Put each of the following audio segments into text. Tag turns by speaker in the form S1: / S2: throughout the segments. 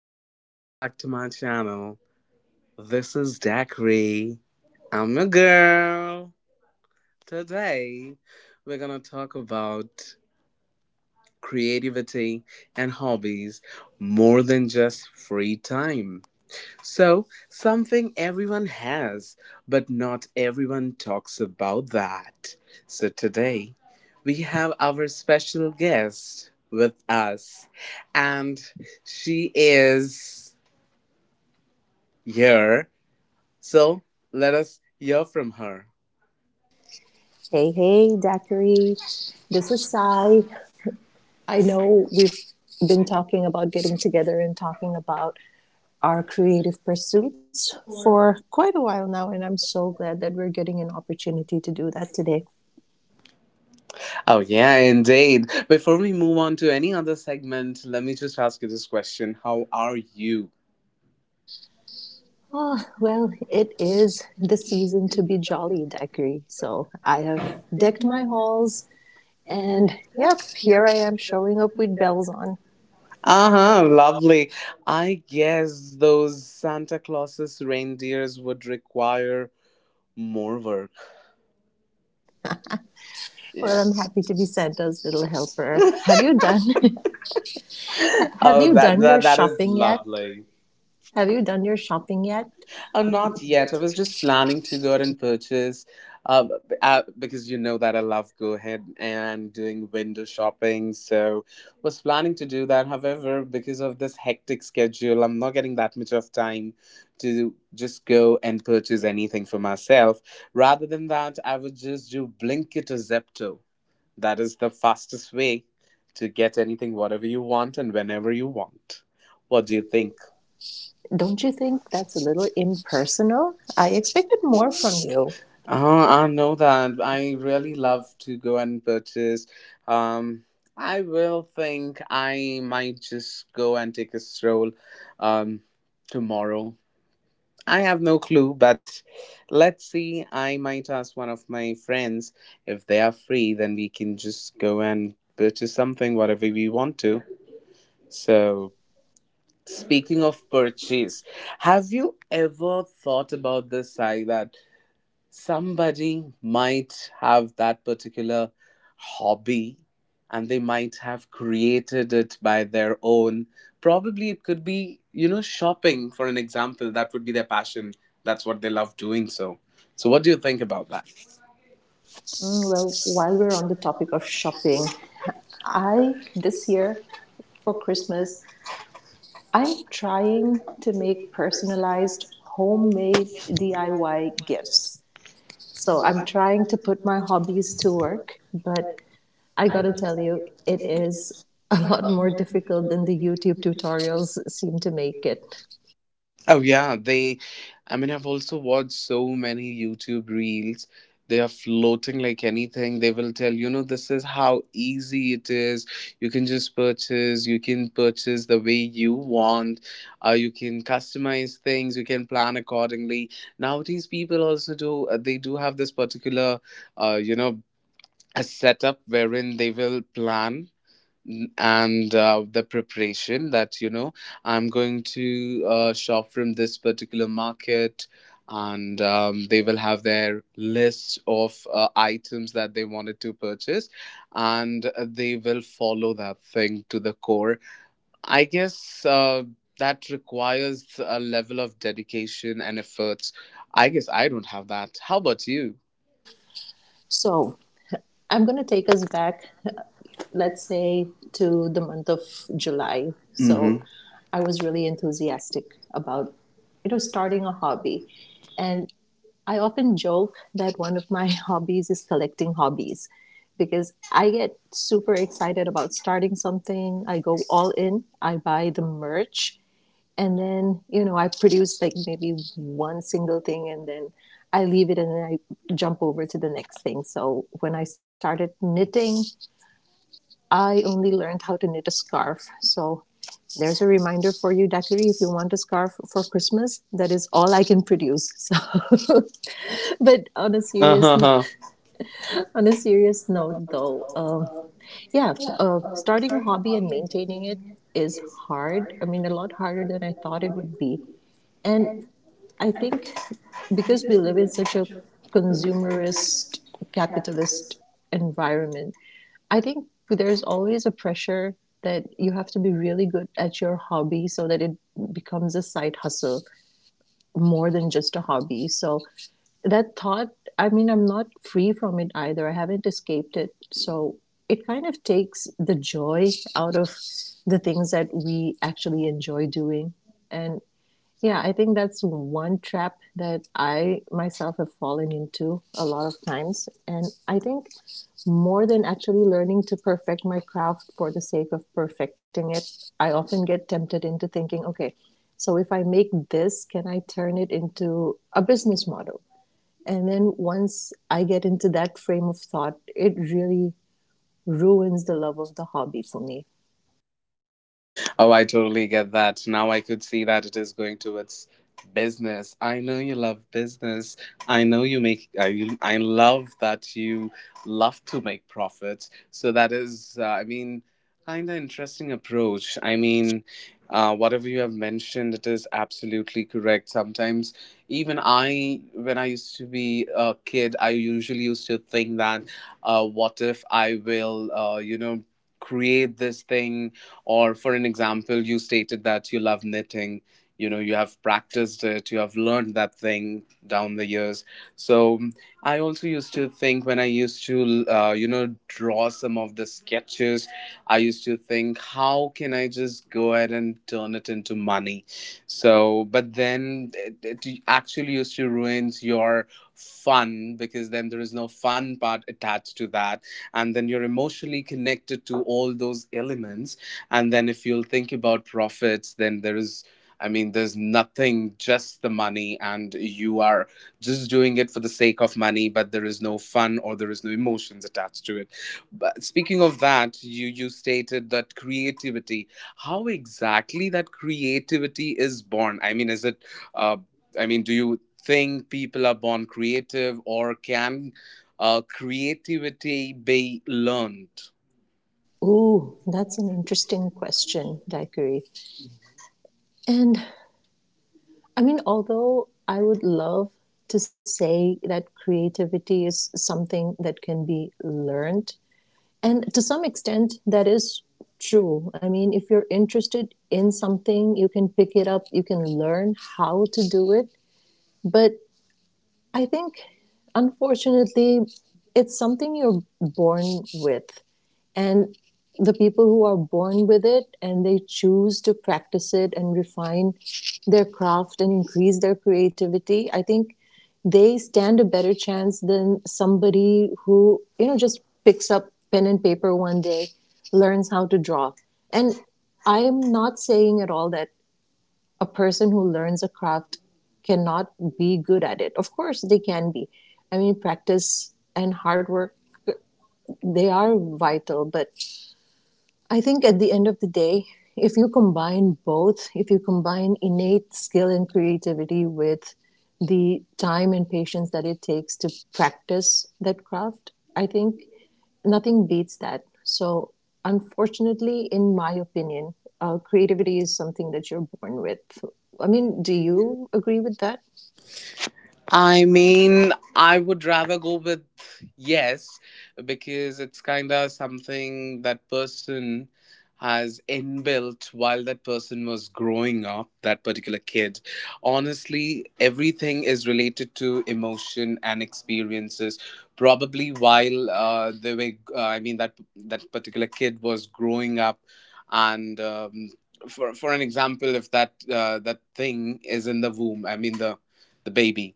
S1: and welcome back to my channel. This is Dakri. I'm a girl. Today, we're gonna talk about creativity and hobbies, more than just free time. So, something everyone has, but not everyone talks about that. So, today, we have our special guest with us, and she is year. So let us hear from her.
S2: Hey, hey, Dakari. This is Sai. I know we've been talking about getting together and talking about our creative pursuits for quite a while now, and I'm so glad that we're getting an opportunity to do that today.
S1: Oh, yeah, indeed. Before we move on to any other segment, let me just ask you this question. How are you?
S2: Ah, well, it is the season to be jolly, Dakari. So I have decked my halls, and yep, here I am showing up with bells on.
S1: Uh huh, lovely. I guess those Santa Claus's reindeers would require more work.
S2: Well,
S1: Yeah.
S2: I'm happy to be Santa's little helper. Have you done? Have
S1: Oh,
S2: you
S1: that,
S2: done your
S1: that that is
S2: shopping yet?
S1: lovely.
S2: Have you done your shopping yet?
S1: Oh, not yet. I was just planning to go out and purchase, because you know that I love Go Ahead and doing window shopping. So, was planning to do that. However, because of this hectic schedule, I'm not getting that much of time to just go and purchase anything for myself. Rather than that, I would just do Blinkit or Zepto. That is the fastest way to get anything, whatever you want and whenever you want. What do you think?
S2: Don't you think that's a little impersonal? I expected more from you.
S1: I know that. I really love to go and purchase. Um, I will think I might just go and take a stroll um, tomorrow. I have no clue, but let's see. I might ask one of my friends if they are free, then we can just go and purchase something, whatever we want to. So, speaking of purchase, have you ever thought about this, side that? Somebody might have that particular hobby, and they might have created it by their own. Probably it could be, you know, shopping, for an example. That would be their passion. That's what they love doing. So so what do you think about that?
S2: Well, while we're on the topic of shopping, I, this year for Christmas, I'm trying to make personalized homemade DIY gifts. So I'm trying to put my hobbies to work, but I gotta tell you, it is a lot more difficult than the YouTube tutorials seem to make it.
S1: Oh yeah, they, I mean, I've also watched so many YouTube reels. They are floating like anything. They will tell, you know, this is how easy it is. You can just purchase, you can purchase the way you want. You can customize things, you can plan accordingly. Nowadays people also do, they do have this particular uh, you know, a setup wherein they will plan. And the preparation that, you know, I'm going to, shop from this particular market, and they will have their list of items that they wanted to purchase, and they will follow that thing to the core. I guess that requires a level of dedication and efforts. I guess I don't have that. How about you?
S2: So I'm gonna take us back, let's say, to the month of July. So I was really enthusiastic about, you know, starting a hobby. And I often joke that one of my hobbies is collecting hobbies because I get super excited about starting something. I go all in, I buy the merch, and then, you know, I produce like maybe one single thing and then I leave it and then I jump over to the next thing. So when I started knitting, I only learned how to knit a scarf. So there's a reminder for you, Dakari, if you want a scarf for Christmas, that is all I can produce. So, but on a serious, uh-huh. On a serious note, though, yeah, starting a hobby and maintaining it is hard. I mean, a lot harder than I thought it would be. And I think because we live in such a consumerist, capitalist environment, I think there's always a pressure that you have to be really good at your hobby so that it becomes a side hustle more than just a hobby. So that thought, I mean, I'm not free from it either. I haven't escaped it. So it kind of takes the joy out of the things that we actually enjoy doing. And yeah, I think that's one trap that I myself have fallen into a lot of times. And I think more than actually learning to perfect my craft for the sake of perfecting it, I often get tempted into thinking, okay, so if I make this, can I turn it into a business model? And then once I get into that frame of thought, it really ruins the love of the hobby for me.
S1: Oh, I totally get that. Now I could see that it is going towards business. I know you love business. I know you make. I love that you love to make profits. So that is, I mean, kind of interesting approach. I mean, whatever you have mentioned, it is absolutely correct. Sometimes even I, when I used to be a kid, I usually used to think that, what if I will, you know, create this thing, or, for an example, you stated that you love knitting, you know, you have practiced it, you have learned that thing down the years. So, I also used to think when I used to, you know, draw some of the sketches, I used to think, how can I just go ahead and turn it into money? So, but then it actually used to ruins your fun, because then there is no fun part attached to that, and then you're emotionally connected to all those elements, and then if you'll think about profits, then there is, I mean, there's nothing, just the money, and you are just doing it for the sake of money, but there is no fun or there is no emotions attached to it. But speaking of that, you stated that creativity. How exactly that creativity is born? I mean, is it? Uh, I mean, do you think people are born creative, or can creativity be learned?
S2: Ooh, that's an interesting question, Daiquiri. And I mean, although I would love to say that creativity is something that can be learned, and to some extent, that is true. I mean, if you're interested in something, you can pick it up, you can learn how to do it. But I think, unfortunately, it's something you're born with. And the people who are born with it and they choose to practice it and refine their craft and increase their creativity, I think they stand a better chance than somebody who, you know, just picks up pen and paper one day, learns how to draw. And I am not saying at all that a person who learns a craft cannot be good at it. Of course, they can be. I mean, practice and hard work, they are vital, but I think at the end of the day, if you combine both, if you combine innate skill and creativity with the time and patience that it takes to practice that craft, I think nothing beats that. So, unfortunately, in my opinion, creativity is something that you're born with. I mean, do you agree with that?
S1: I mean, I would rather go with yes, because it's kind of something that person has inbuilt while that person was growing up, that particular kid. Honestly, everything is related to emotion and experiences. Probably while they were, I mean, that that particular kid was growing up, and for an example, if that that thing is in the womb, I mean, the baby,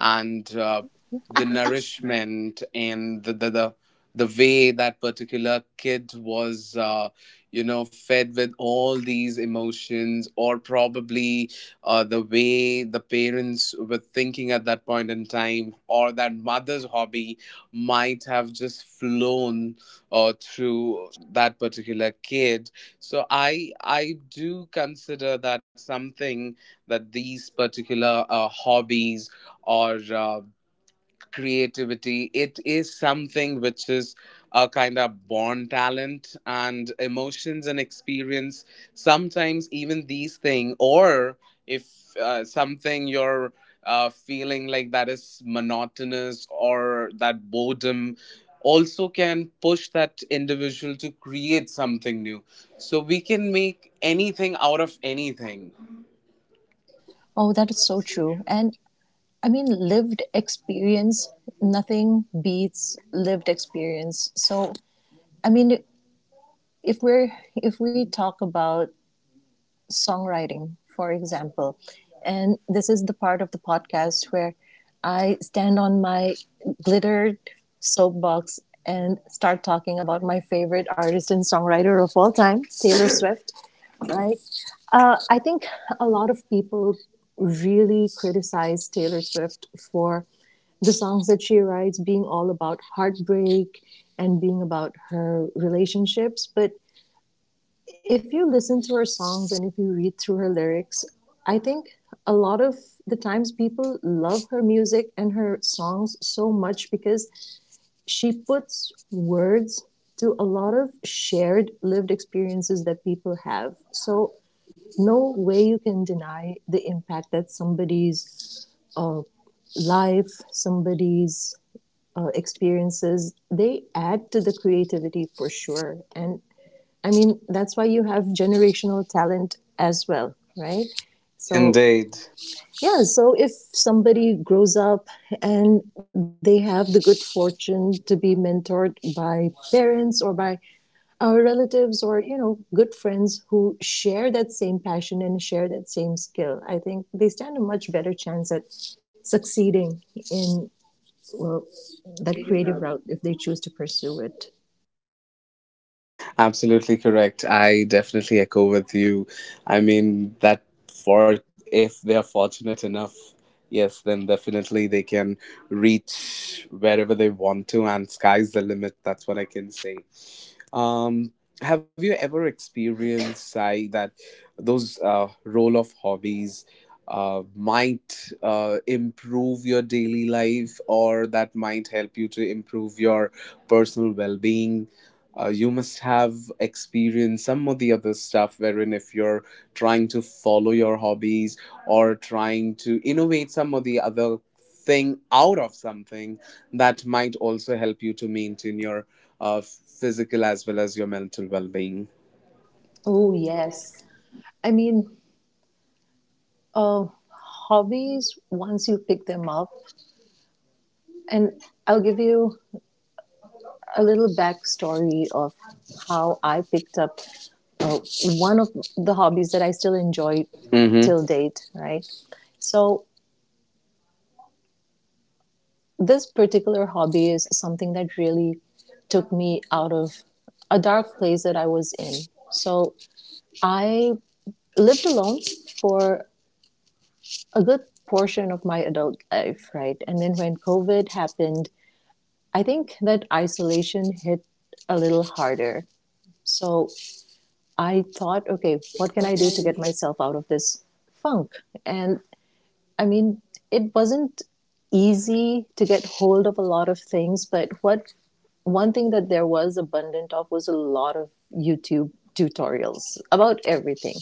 S1: and the nourishment, and the the way that particular kid was you know, fed with all these emotions, or probably the way the parents were thinking at that point in time, or that mother's hobby might have just flown through that particular kid. So I do consider that something, that these particular hobbies or creativity. It is something which is a kind of born talent and emotions and experience. Sometimes even these things, or if something you're feeling like that is monotonous, or that boredom also can push that individual to create something new, so we can make anything out of anything.
S2: Oh, that is so true. And I mean, lived experience, nothing beats lived experience. So, I mean, if we talk about songwriting, for example, and this is the part of the podcast where I stand on my glittered soapbox and start talking about my favorite artist and songwriter of all time, Taylor Swift, right? I think a lot of people really criticize Taylor Swift for the songs that she writes being all about heartbreak and being about her relationships. But if you listen to her songs and if you read through her lyrics, I think a lot of the times people love her music and her songs so much because she puts words to a lot of shared lived experiences that people have. So, no way you can deny the impact that somebody's uh, life, somebody's experiences, they add to the creativity for sure. And I mean, that's why you have generational talent as well, right? So,
S1: Indeed.
S2: yeah, so if somebody grows up and they have the good fortune to be mentored by parents or by our relatives or, you know, good friends who share that same passion and share that same skill, I think they stand a much better chance at succeeding in, well, that creative route if they choose to pursue it.
S1: Absolutely correct. I definitely echo with you. I mean that, for if they are fortunate enough, yes, then definitely they can reach wherever they want to, and sky's the limit. That's what I can say. Um, have you ever experienced, Sai, that those role of hobbies might improve your daily life, or that might help you to improve your personal well being? You must have experienced some of the other stuff wherein if you're trying to follow your hobbies or trying to innovate some of the other thing out of something, that might also help you to maintain your of physical as well as your mental well being.
S2: Oh, yes. I mean, hobbies once you pick them up. And I'll give you a little backstory of how I picked up uh, one of the hobbies that I still enjoy
S1: Mm-hmm.
S2: till date, right? So, this particular hobby is something that really took me out of a dark place that I was in. So, I lived alone for a good portion of my adult life, right? And then when COVID happened, I think that isolation hit a little harder. So I thought, okay, what can I do to get myself out of this funk? And I mean, it wasn't easy to get hold of a lot of things, but what one thing that there was abundant of was a lot of YouTube tutorials about everything.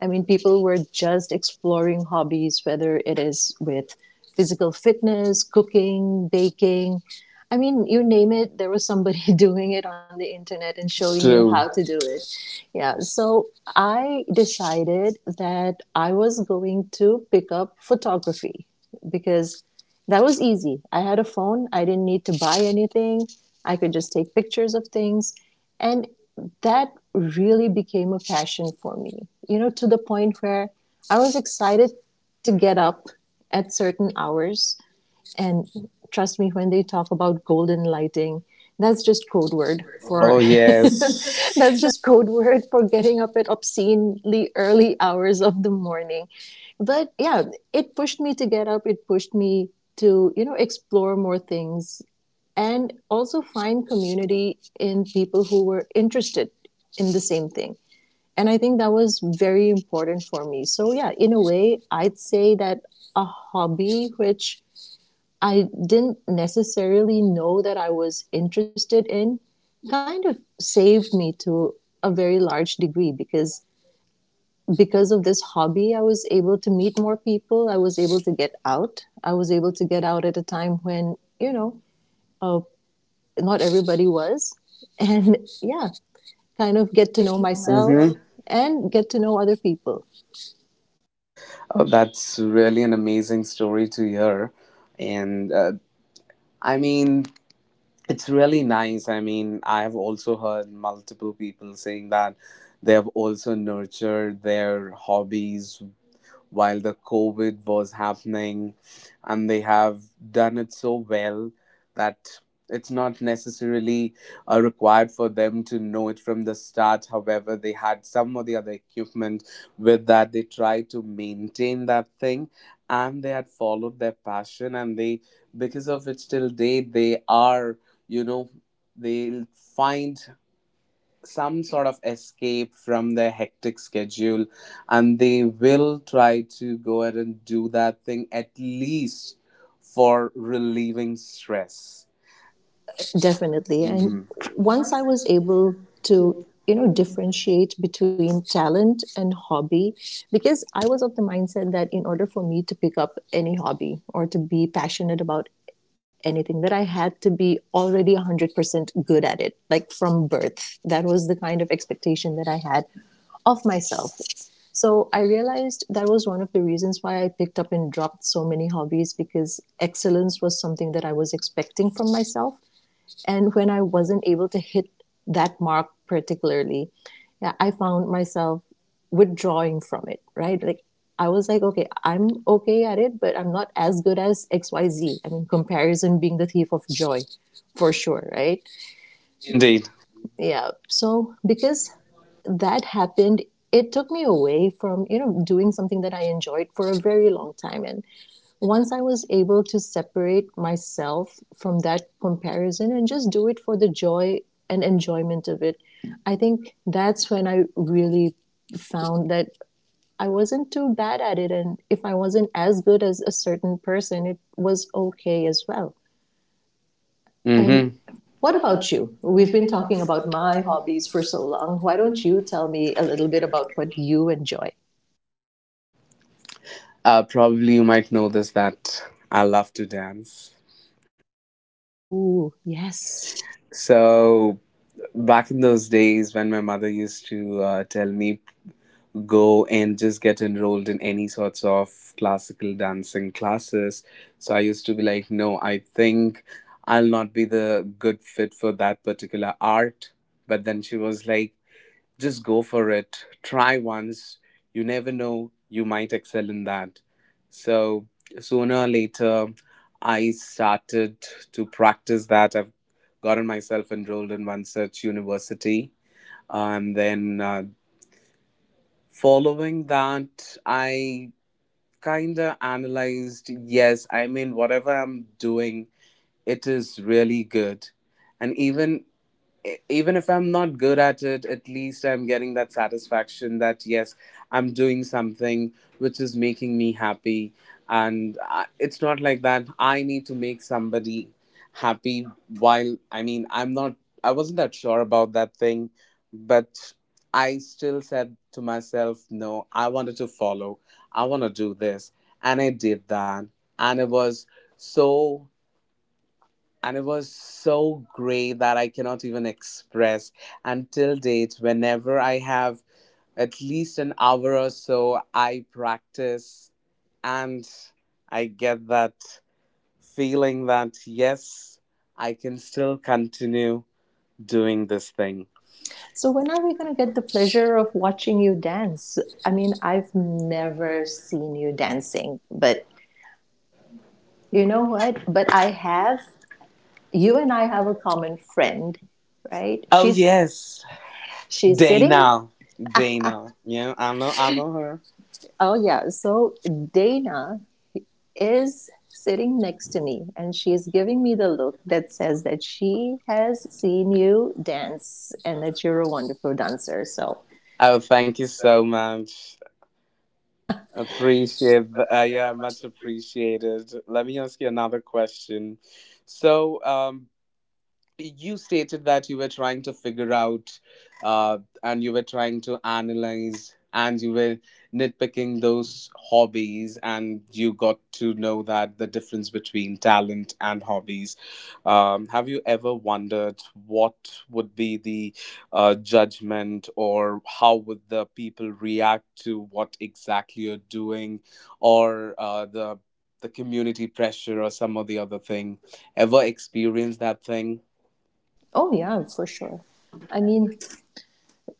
S2: I mean, people were just exploring hobbies, whether it is with physical fitness, cooking, baking. I mean, you name it, there was somebody doing it on the internet and showing you how
S1: True.
S2: to do it. Yeah. So I decided that I was going to pick up photography because that was easy. I had a phone, I didn't need to buy anything, I could just take pictures of things. And that really became a passion for me, you know, to the point where I was excited to get up at certain hours. And trust me, when they talk about golden lighting, that's just code word
S1: Oh,
S2: for
S1: yes.
S2: that's just code word for getting up at obscenely early hours of the morning, but yeah, it pushed me to get up, it pushed me to, you know, explore more things and also find community in people who were interested in the same thing. And I think that was very important for me. So, yeah, in a way, I'd say that a hobby which I didn't necessarily know that I was interested in kind of saved me to a very large degree because of this hobby I was able to meet more people, I was able to get out, I was able to get out at a time when, you know, uh, not everybody was. And yeah, kind of get to know myself
S1: Mm-hmm.
S2: and get to know other people.
S1: Oh, that's really an amazing story to hear. And I mean, it's really nice. I mean, I have also heard multiple people saying that they have also nurtured their hobbies while the COVID was happening, and they have done it so well that it's not necessarily required for them to know it from the start. However, they had some or the other equipment with that they tried to maintain that thing, and they had followed their passion, and they, because of it, till date they are, you know, they'll find some sort of escape from their hectic schedule, and they will try to go ahead and do that thing at least for relieving stress.
S2: Definitely. And
S1: Mhm.
S2: once I was able to, you know, differentiate between talent and hobby, because I was of the mindset that in order for me to pick up any hobby or to be passionate about anything, that I had to be already 100% good at it, like from birth. That was the kind of expectation that I had of myself. So I realized that was one of the reasons why I picked up and dropped so many hobbies because excellence was something that I was expecting from myself. And when I wasn't able to hit that mark particularly, yeah, I found myself withdrawing from it, right? Like I was like, okay, I'm okay at it, but I'm not as good as X, Y, Z. I mean, comparison being the thief of joy for sure, right?
S1: Indeed.
S2: Yeah. So because that happened, it took me away from, you know, doing something that I enjoyed for a very long time. And once I was able to separate myself from that comparison and just do it for the joy and enjoyment of it, I think that's when I really found that I wasn't too bad at it. And if I wasn't as good as a certain person, it was okay as well. And
S1: Hmm.
S2: what about you? We've been talking about my hobbies for so long. Why don't you tell me a little bit about what you enjoy?
S1: Probably you might know this, that I love to dance.
S2: Ooh, yes.
S1: So back in those days when my mother used to tell me, go and just get enrolled in any sorts of classical dancing classes. So I used to be like, no, I think I'll not be the good fit for that particular art. But then she was like, just go for it, try once. You never know, you might excel in that. So sooner or later, I started to practice that. I've gotten myself enrolled in one such university, and then following that, I kind of analyzed, yes, I mean, whatever I'm doing, it is really good. And even even if I'm not good at it, at least I'm getting that satisfaction that yes, I'm doing something which is making me happy. And I, it's not like that. I need to make somebody happy while, I mean, I'm not, I wasn't that sure about that thing, but I still said to myself, no, I wanted to follow, I want to do this. And I did that. And it was so, and it was so great that I cannot even express. Until date, whenever I have at least an hour or so, I practice, and I get that feeling that yes, I can still continue doing this thing.
S2: So when are we going to get the pleasure of watching you dance? I mean, I've never seen you dancing, but you know what? But I have, you and I have a common friend, right?
S1: Oh yes,
S2: She's sitting.
S1: Dana, Dana. Yeah, I know her.
S2: Oh yeah. So Dana is sitting next to me and she is giving me the look that says that she has seen you dance and that you're a wonderful dancer. So,
S1: Oh, thank you so much. Appreciate, yeah, much appreciated. Let me ask you another question. So, you stated that you were trying to figure out and you were trying to analyze, and you were nitpicking those hobbies, and you got to know that the difference between talent and hobbies. Have you ever wondered what would be the judgment, or how would the people react to what exactly you're doing, or the community pressure, or some of the other thing ever experienced that thing?
S2: oh yeah, for sure. I mean,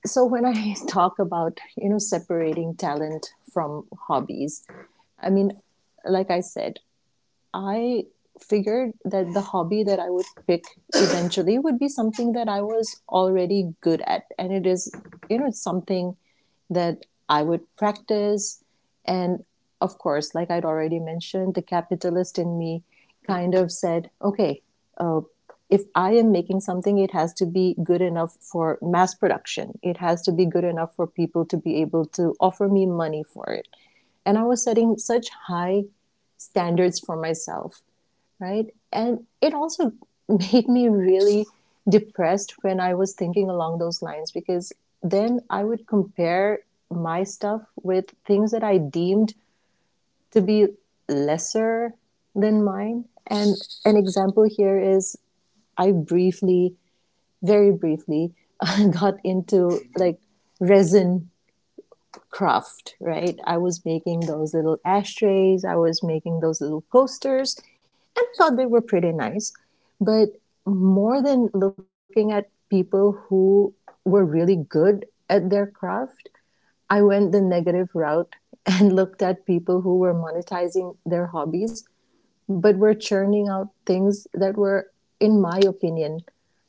S2: so when I talk about, you know, separating talent from hobbies, I mean, like I said, I figured that the hobby that I would pick eventually would be something that I was already good at. And it is, you know, it's something that I would practice. And of course, like I'd already mentioned, the capitalist in me kind of said, okay, uh, if I am making something, it has to be good enough for mass production. It has to be good enough for people to be able to offer me money for it. And I was setting such high standards for myself, right? And it also made me really depressed when I was thinking along those lines because then I would compare my stuff with things that I deemed to be lesser than mine. And an example here is I briefly, very briefly, got into like resin craft, right? I was making those little ashtrays, I was making those little coasters, and I thought they were pretty nice. But more than looking at people who were really good at their craft, I went the negative route and looked at people who were monetizing their hobbies, but were churning out things that were, in my opinion,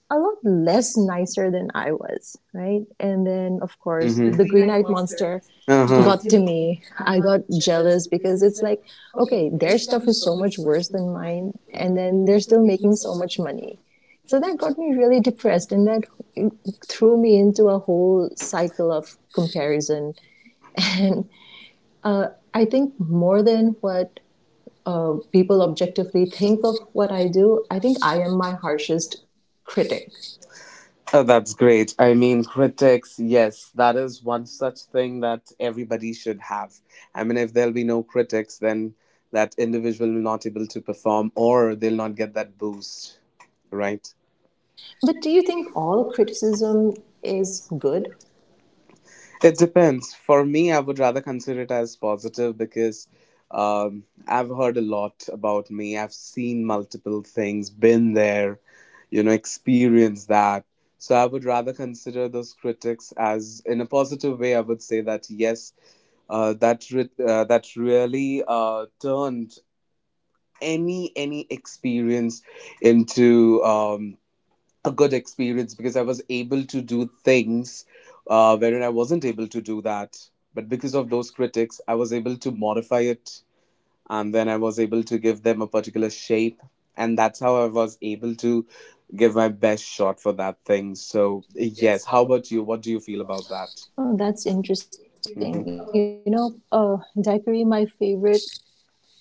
S2: a lot less nicer than I was, right? And then, of
S1: Mm
S2: course,
S1: hmm.
S2: the green eyed monster
S1: Uh-huh.
S2: got to me. I got jealous because it's like, okay, their stuff is so much worse than mine, and then they're still making so much money. So that got me really depressed, and that threw me into a whole cycle of comparison. And uh, I think more than what people objectively think of what I do, I think I am my harshest critic.
S1: Oh, that's great. I mean, critics, yes, that is one such thing that everybody should have. I mean, if there'll be no critics, then that individual will not able to perform, or they'll not get that boost, right?
S2: But do you think all criticism is good?
S1: It depends. For me, I would rather consider it as positive because I've heard a lot about me. I've seen multiple things, been there, you know, experienced that. So I would rather consider those critics as, in a positive way, I would say that yes, that really turned any experience into a good experience because I was able to do things wherein I wasn't able to do that. But because of those critics, I was able to modify it, and then I was able to give them a particular shape. And that's how I was able to give my best shot for that thing. So, yes, how about you? What do you feel about that? That's interesting.
S2: Oh, that's
S1: Mhm.
S2: interesting. You know, Daiquiri, my favorite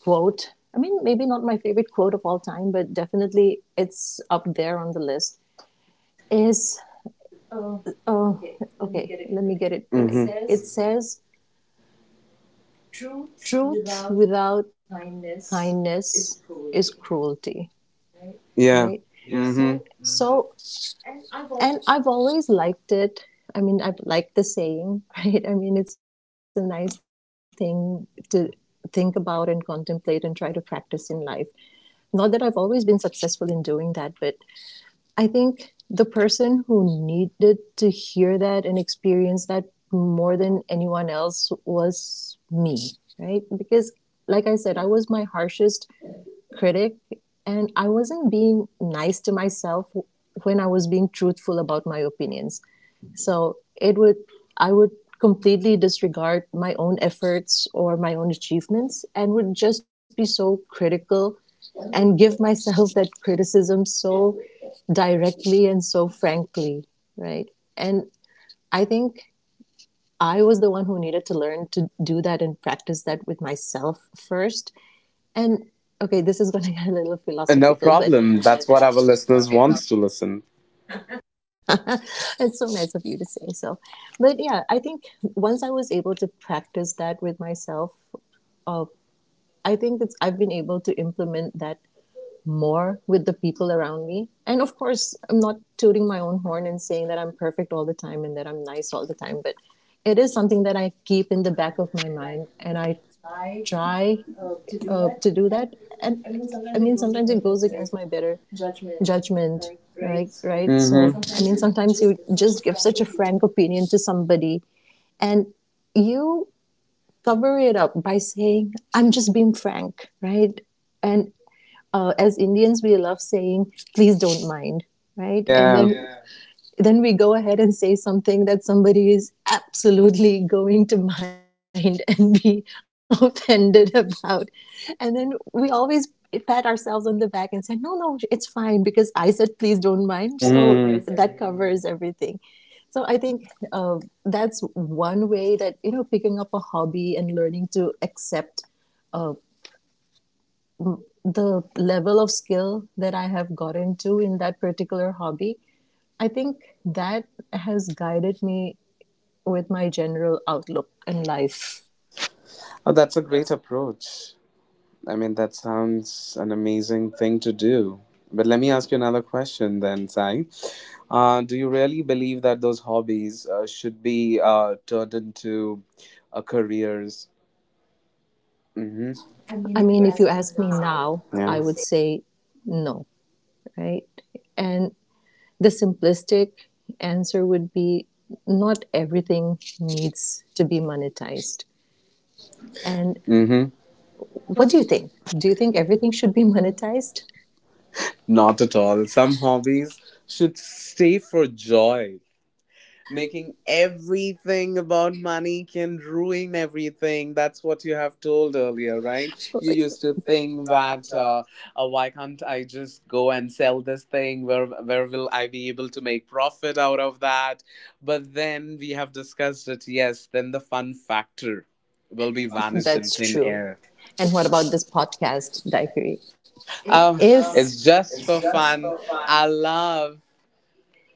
S2: quote. I mean, maybe not my favorite quote of all time, but definitely it's up there on the list. Is uh, okay. Let me get it
S1: Mhm.
S2: right. It says, "Truth without kindness is cruelty."
S1: Yeah.
S2: Right.
S1: Hmm.
S2: Mm-hmm. So and I've always liked it. I mean, I've liked the saying, right? I mean, it's a nice thing to think about and contemplate and try to practice in life. Not that I've always been successful in doing that, but I think the person who needed to hear that and experience that more than anyone else was me, right? Because, like I said, I was my harshest critic and I wasn't being nice to myself when I was being truthful about my opinions. So I would completely disregard my own efforts or my own achievements and would just be so critical and give myself that criticism so directly and so frankly, right? And I think I was the one who needed to learn to do that and practice that with myself first. And okay, this is going to get a little
S1: No
S2: philosophical, but
S1: problem. That's what our listeners wants to listen.
S2: it's so nice of you to say so. But yeah, I think once I was able to practice that with myself, uh, I think I've been able to implement that more with the people around me. And of course, I'm not tooting my own horn and saying that I'm perfect all the time and that I'm nice all the time, but it is something that I keep in the back of my mind and I try to do that. And I mean, sometimes it goes against my better judgment, right? So I mean
S1: Mm-hmm.
S2: sometimes you just give such a frank opinion to somebody and you cover it up by saying I'm just being frank, right? And as Indians we love saying please don't mind, right? and
S1: Yeah.
S2: then then we go ahead and say something that somebody is absolutely going to mind and be offended about. And then we always pat ourselves on the back and say, no, no, it's fine because I said, please don't mind. So that
S1: Mm-hmm.
S2: covers everything. So I think uh, that's one way that, you know, picking up a hobby and learning to accept uh, the level of skill that I have gotten to in that particular hobby. I think that has guided me with my general outlook in life.
S1: Oh, that's a great approach. I mean, that sounds an amazing thing to do. But let me ask you another question then, Sai. Do you really believe that those hobbies should be turned into careers? Mm-hmm.
S2: I mean, if you ask me now,
S1: Yeah.
S2: I would say no, right? And the simplistic answer would be not everything needs to be monetized. And
S1: Mm-hmm.
S2: what do you think? Do you think everything should be monetized?
S1: Not at all. Some hobbies should stay for joy. Making everything about money can ruin everything. That's what you have told earlier, right? You used to think that why can't I just go and sell this thing? Where will I be able to make profit out of that? But then we have discussed it. Yes, then the fun factor will be vanished in
S2: That's
S1: thin
S2: true.
S1: air.
S2: And what about this podcast, Daiquiri? If
S1: Oh, it's just for fun. I love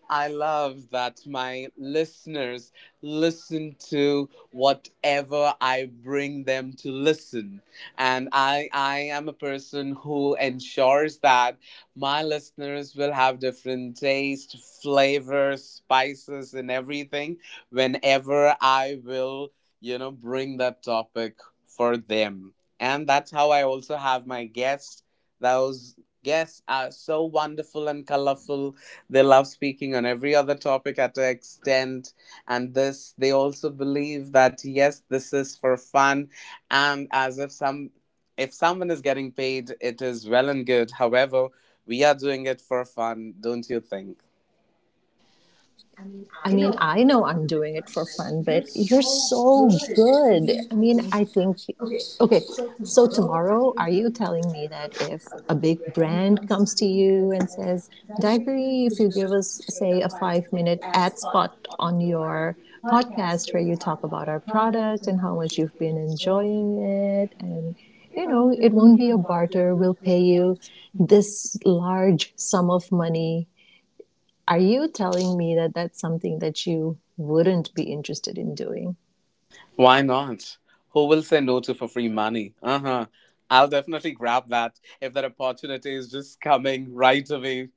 S1: I love that my listeners listen to whatever I bring them to listen. And I am a person who ensures that my listeners will have different taste, flavors, spices, and everything whenever I will, you know, bring that topic for them. And that's how I also have my guests. Those guests are so wonderful and colorful, they love speaking on every other topic at an extent. And this, they also believe that yes, this is for fun. And as if some, if someone is getting paid, it is well and good. However, we are doing it for fun, don't you think?
S2: I mean, I know I'm doing it for fun, but you're so good. I mean, I think, okay, so tomorrow, are you telling me that if a big brand comes to you and says, Diary, if you give us, say, a 5-minute ad spot on your podcast where you talk about our product and how much you've been enjoying it, and, you know, it won't be a barter, we'll pay you this large sum of money, are you telling me that that's something that you wouldn't be interested in doing?
S1: Why not? Who will say no to for free money? Uh huh. I'll definitely grab that if that opportunity is just coming right away.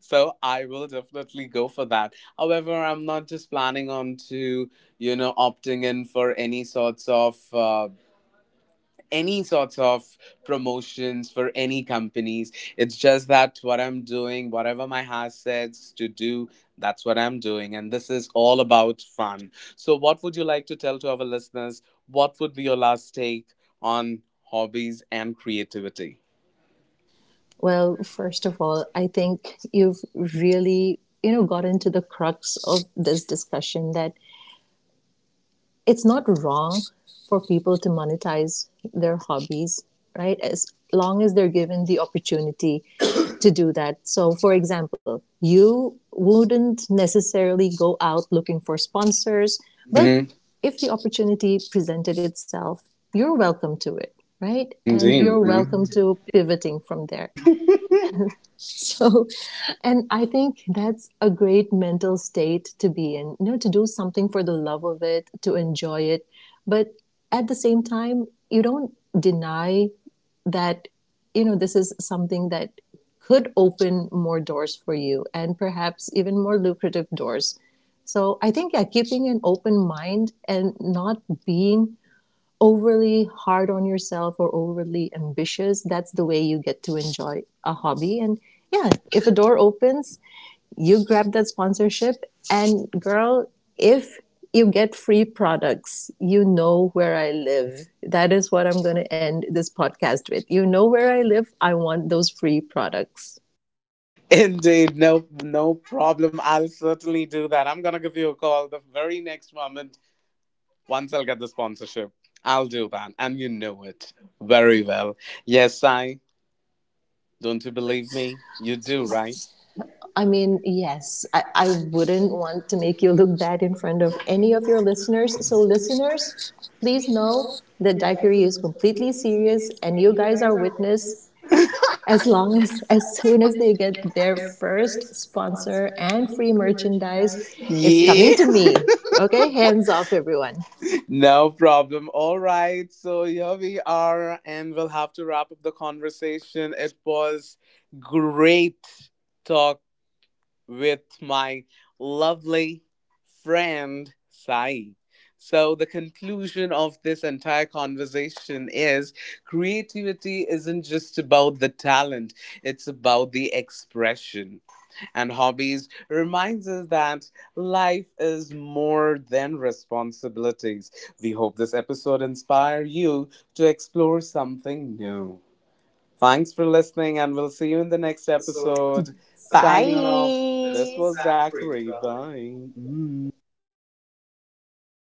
S1: So I will definitely go for that. However, I'm not just planning on to, you know, opting in for any sorts of promotions for any companies. It's just that what I'm doing, whatever my heart says to do, that's what I'm doing, and this is all about fun. So, what would you like to tell to our listeners? What would be your last take on hobbies and creativity?
S2: Well, first of all, I think you've really, you know, gotten to the crux of this discussion that it's not wrong for people to monetize their hobbies, right? As long as they're given the opportunity to do that. So, for example, you wouldn't necessarily go out looking for sponsors, but
S1: Mm-hmm.
S2: if the opportunity presented itself, you're welcome to it, right? And
S1: Indeed.
S2: you're
S1: Mhm.
S2: welcome to pivoting from there. So, and I think that's a great mental state to be in, you know, to do something for the love of it, to enjoy it. But at the same time, you don't deny that, you know, this is something that could open more doors for you and perhaps even more lucrative doors. So I think yeah, keeping an open mind and not being overly hard on yourself or overly ambitious, that's the way you get to enjoy a hobby. And yeah, if a door opens, you grab that sponsorship. And girl, if you get free products, you know where I live. That is what I'm going to end this podcast with. You know where I live. I want those free products.
S1: Indeed, no, no problem. I'll certainly do that. I'm gonna give you a call the very next moment once I'll get the sponsorship. I'll do that, and you know it very well. Yes, I. Don't you believe me? You do, right?
S2: I mean, yes, I wouldn't want to make you look bad in front of any of your listeners. So, listeners, please know that Daiquiri is completely serious and you guys are witness as long as soon as they get their first sponsor and free merchandise, it's
S1: Yeah.
S2: coming to me. Okay, hands off, everyone.
S1: no problem. All right. So here we are, and we'll have to wrap up the conversation. It was great talk with my lovely friend Sai. So, the conclusion of this entire conversation is creativity isn't just about the talent, it's about the expression. And hobbies reminds us that life is more than responsibilities. We hope this episode inspire you to explore something new. Thanks for listening, and we'll see you in the next episode. Signing off. This was Zachary. Bye. Mm.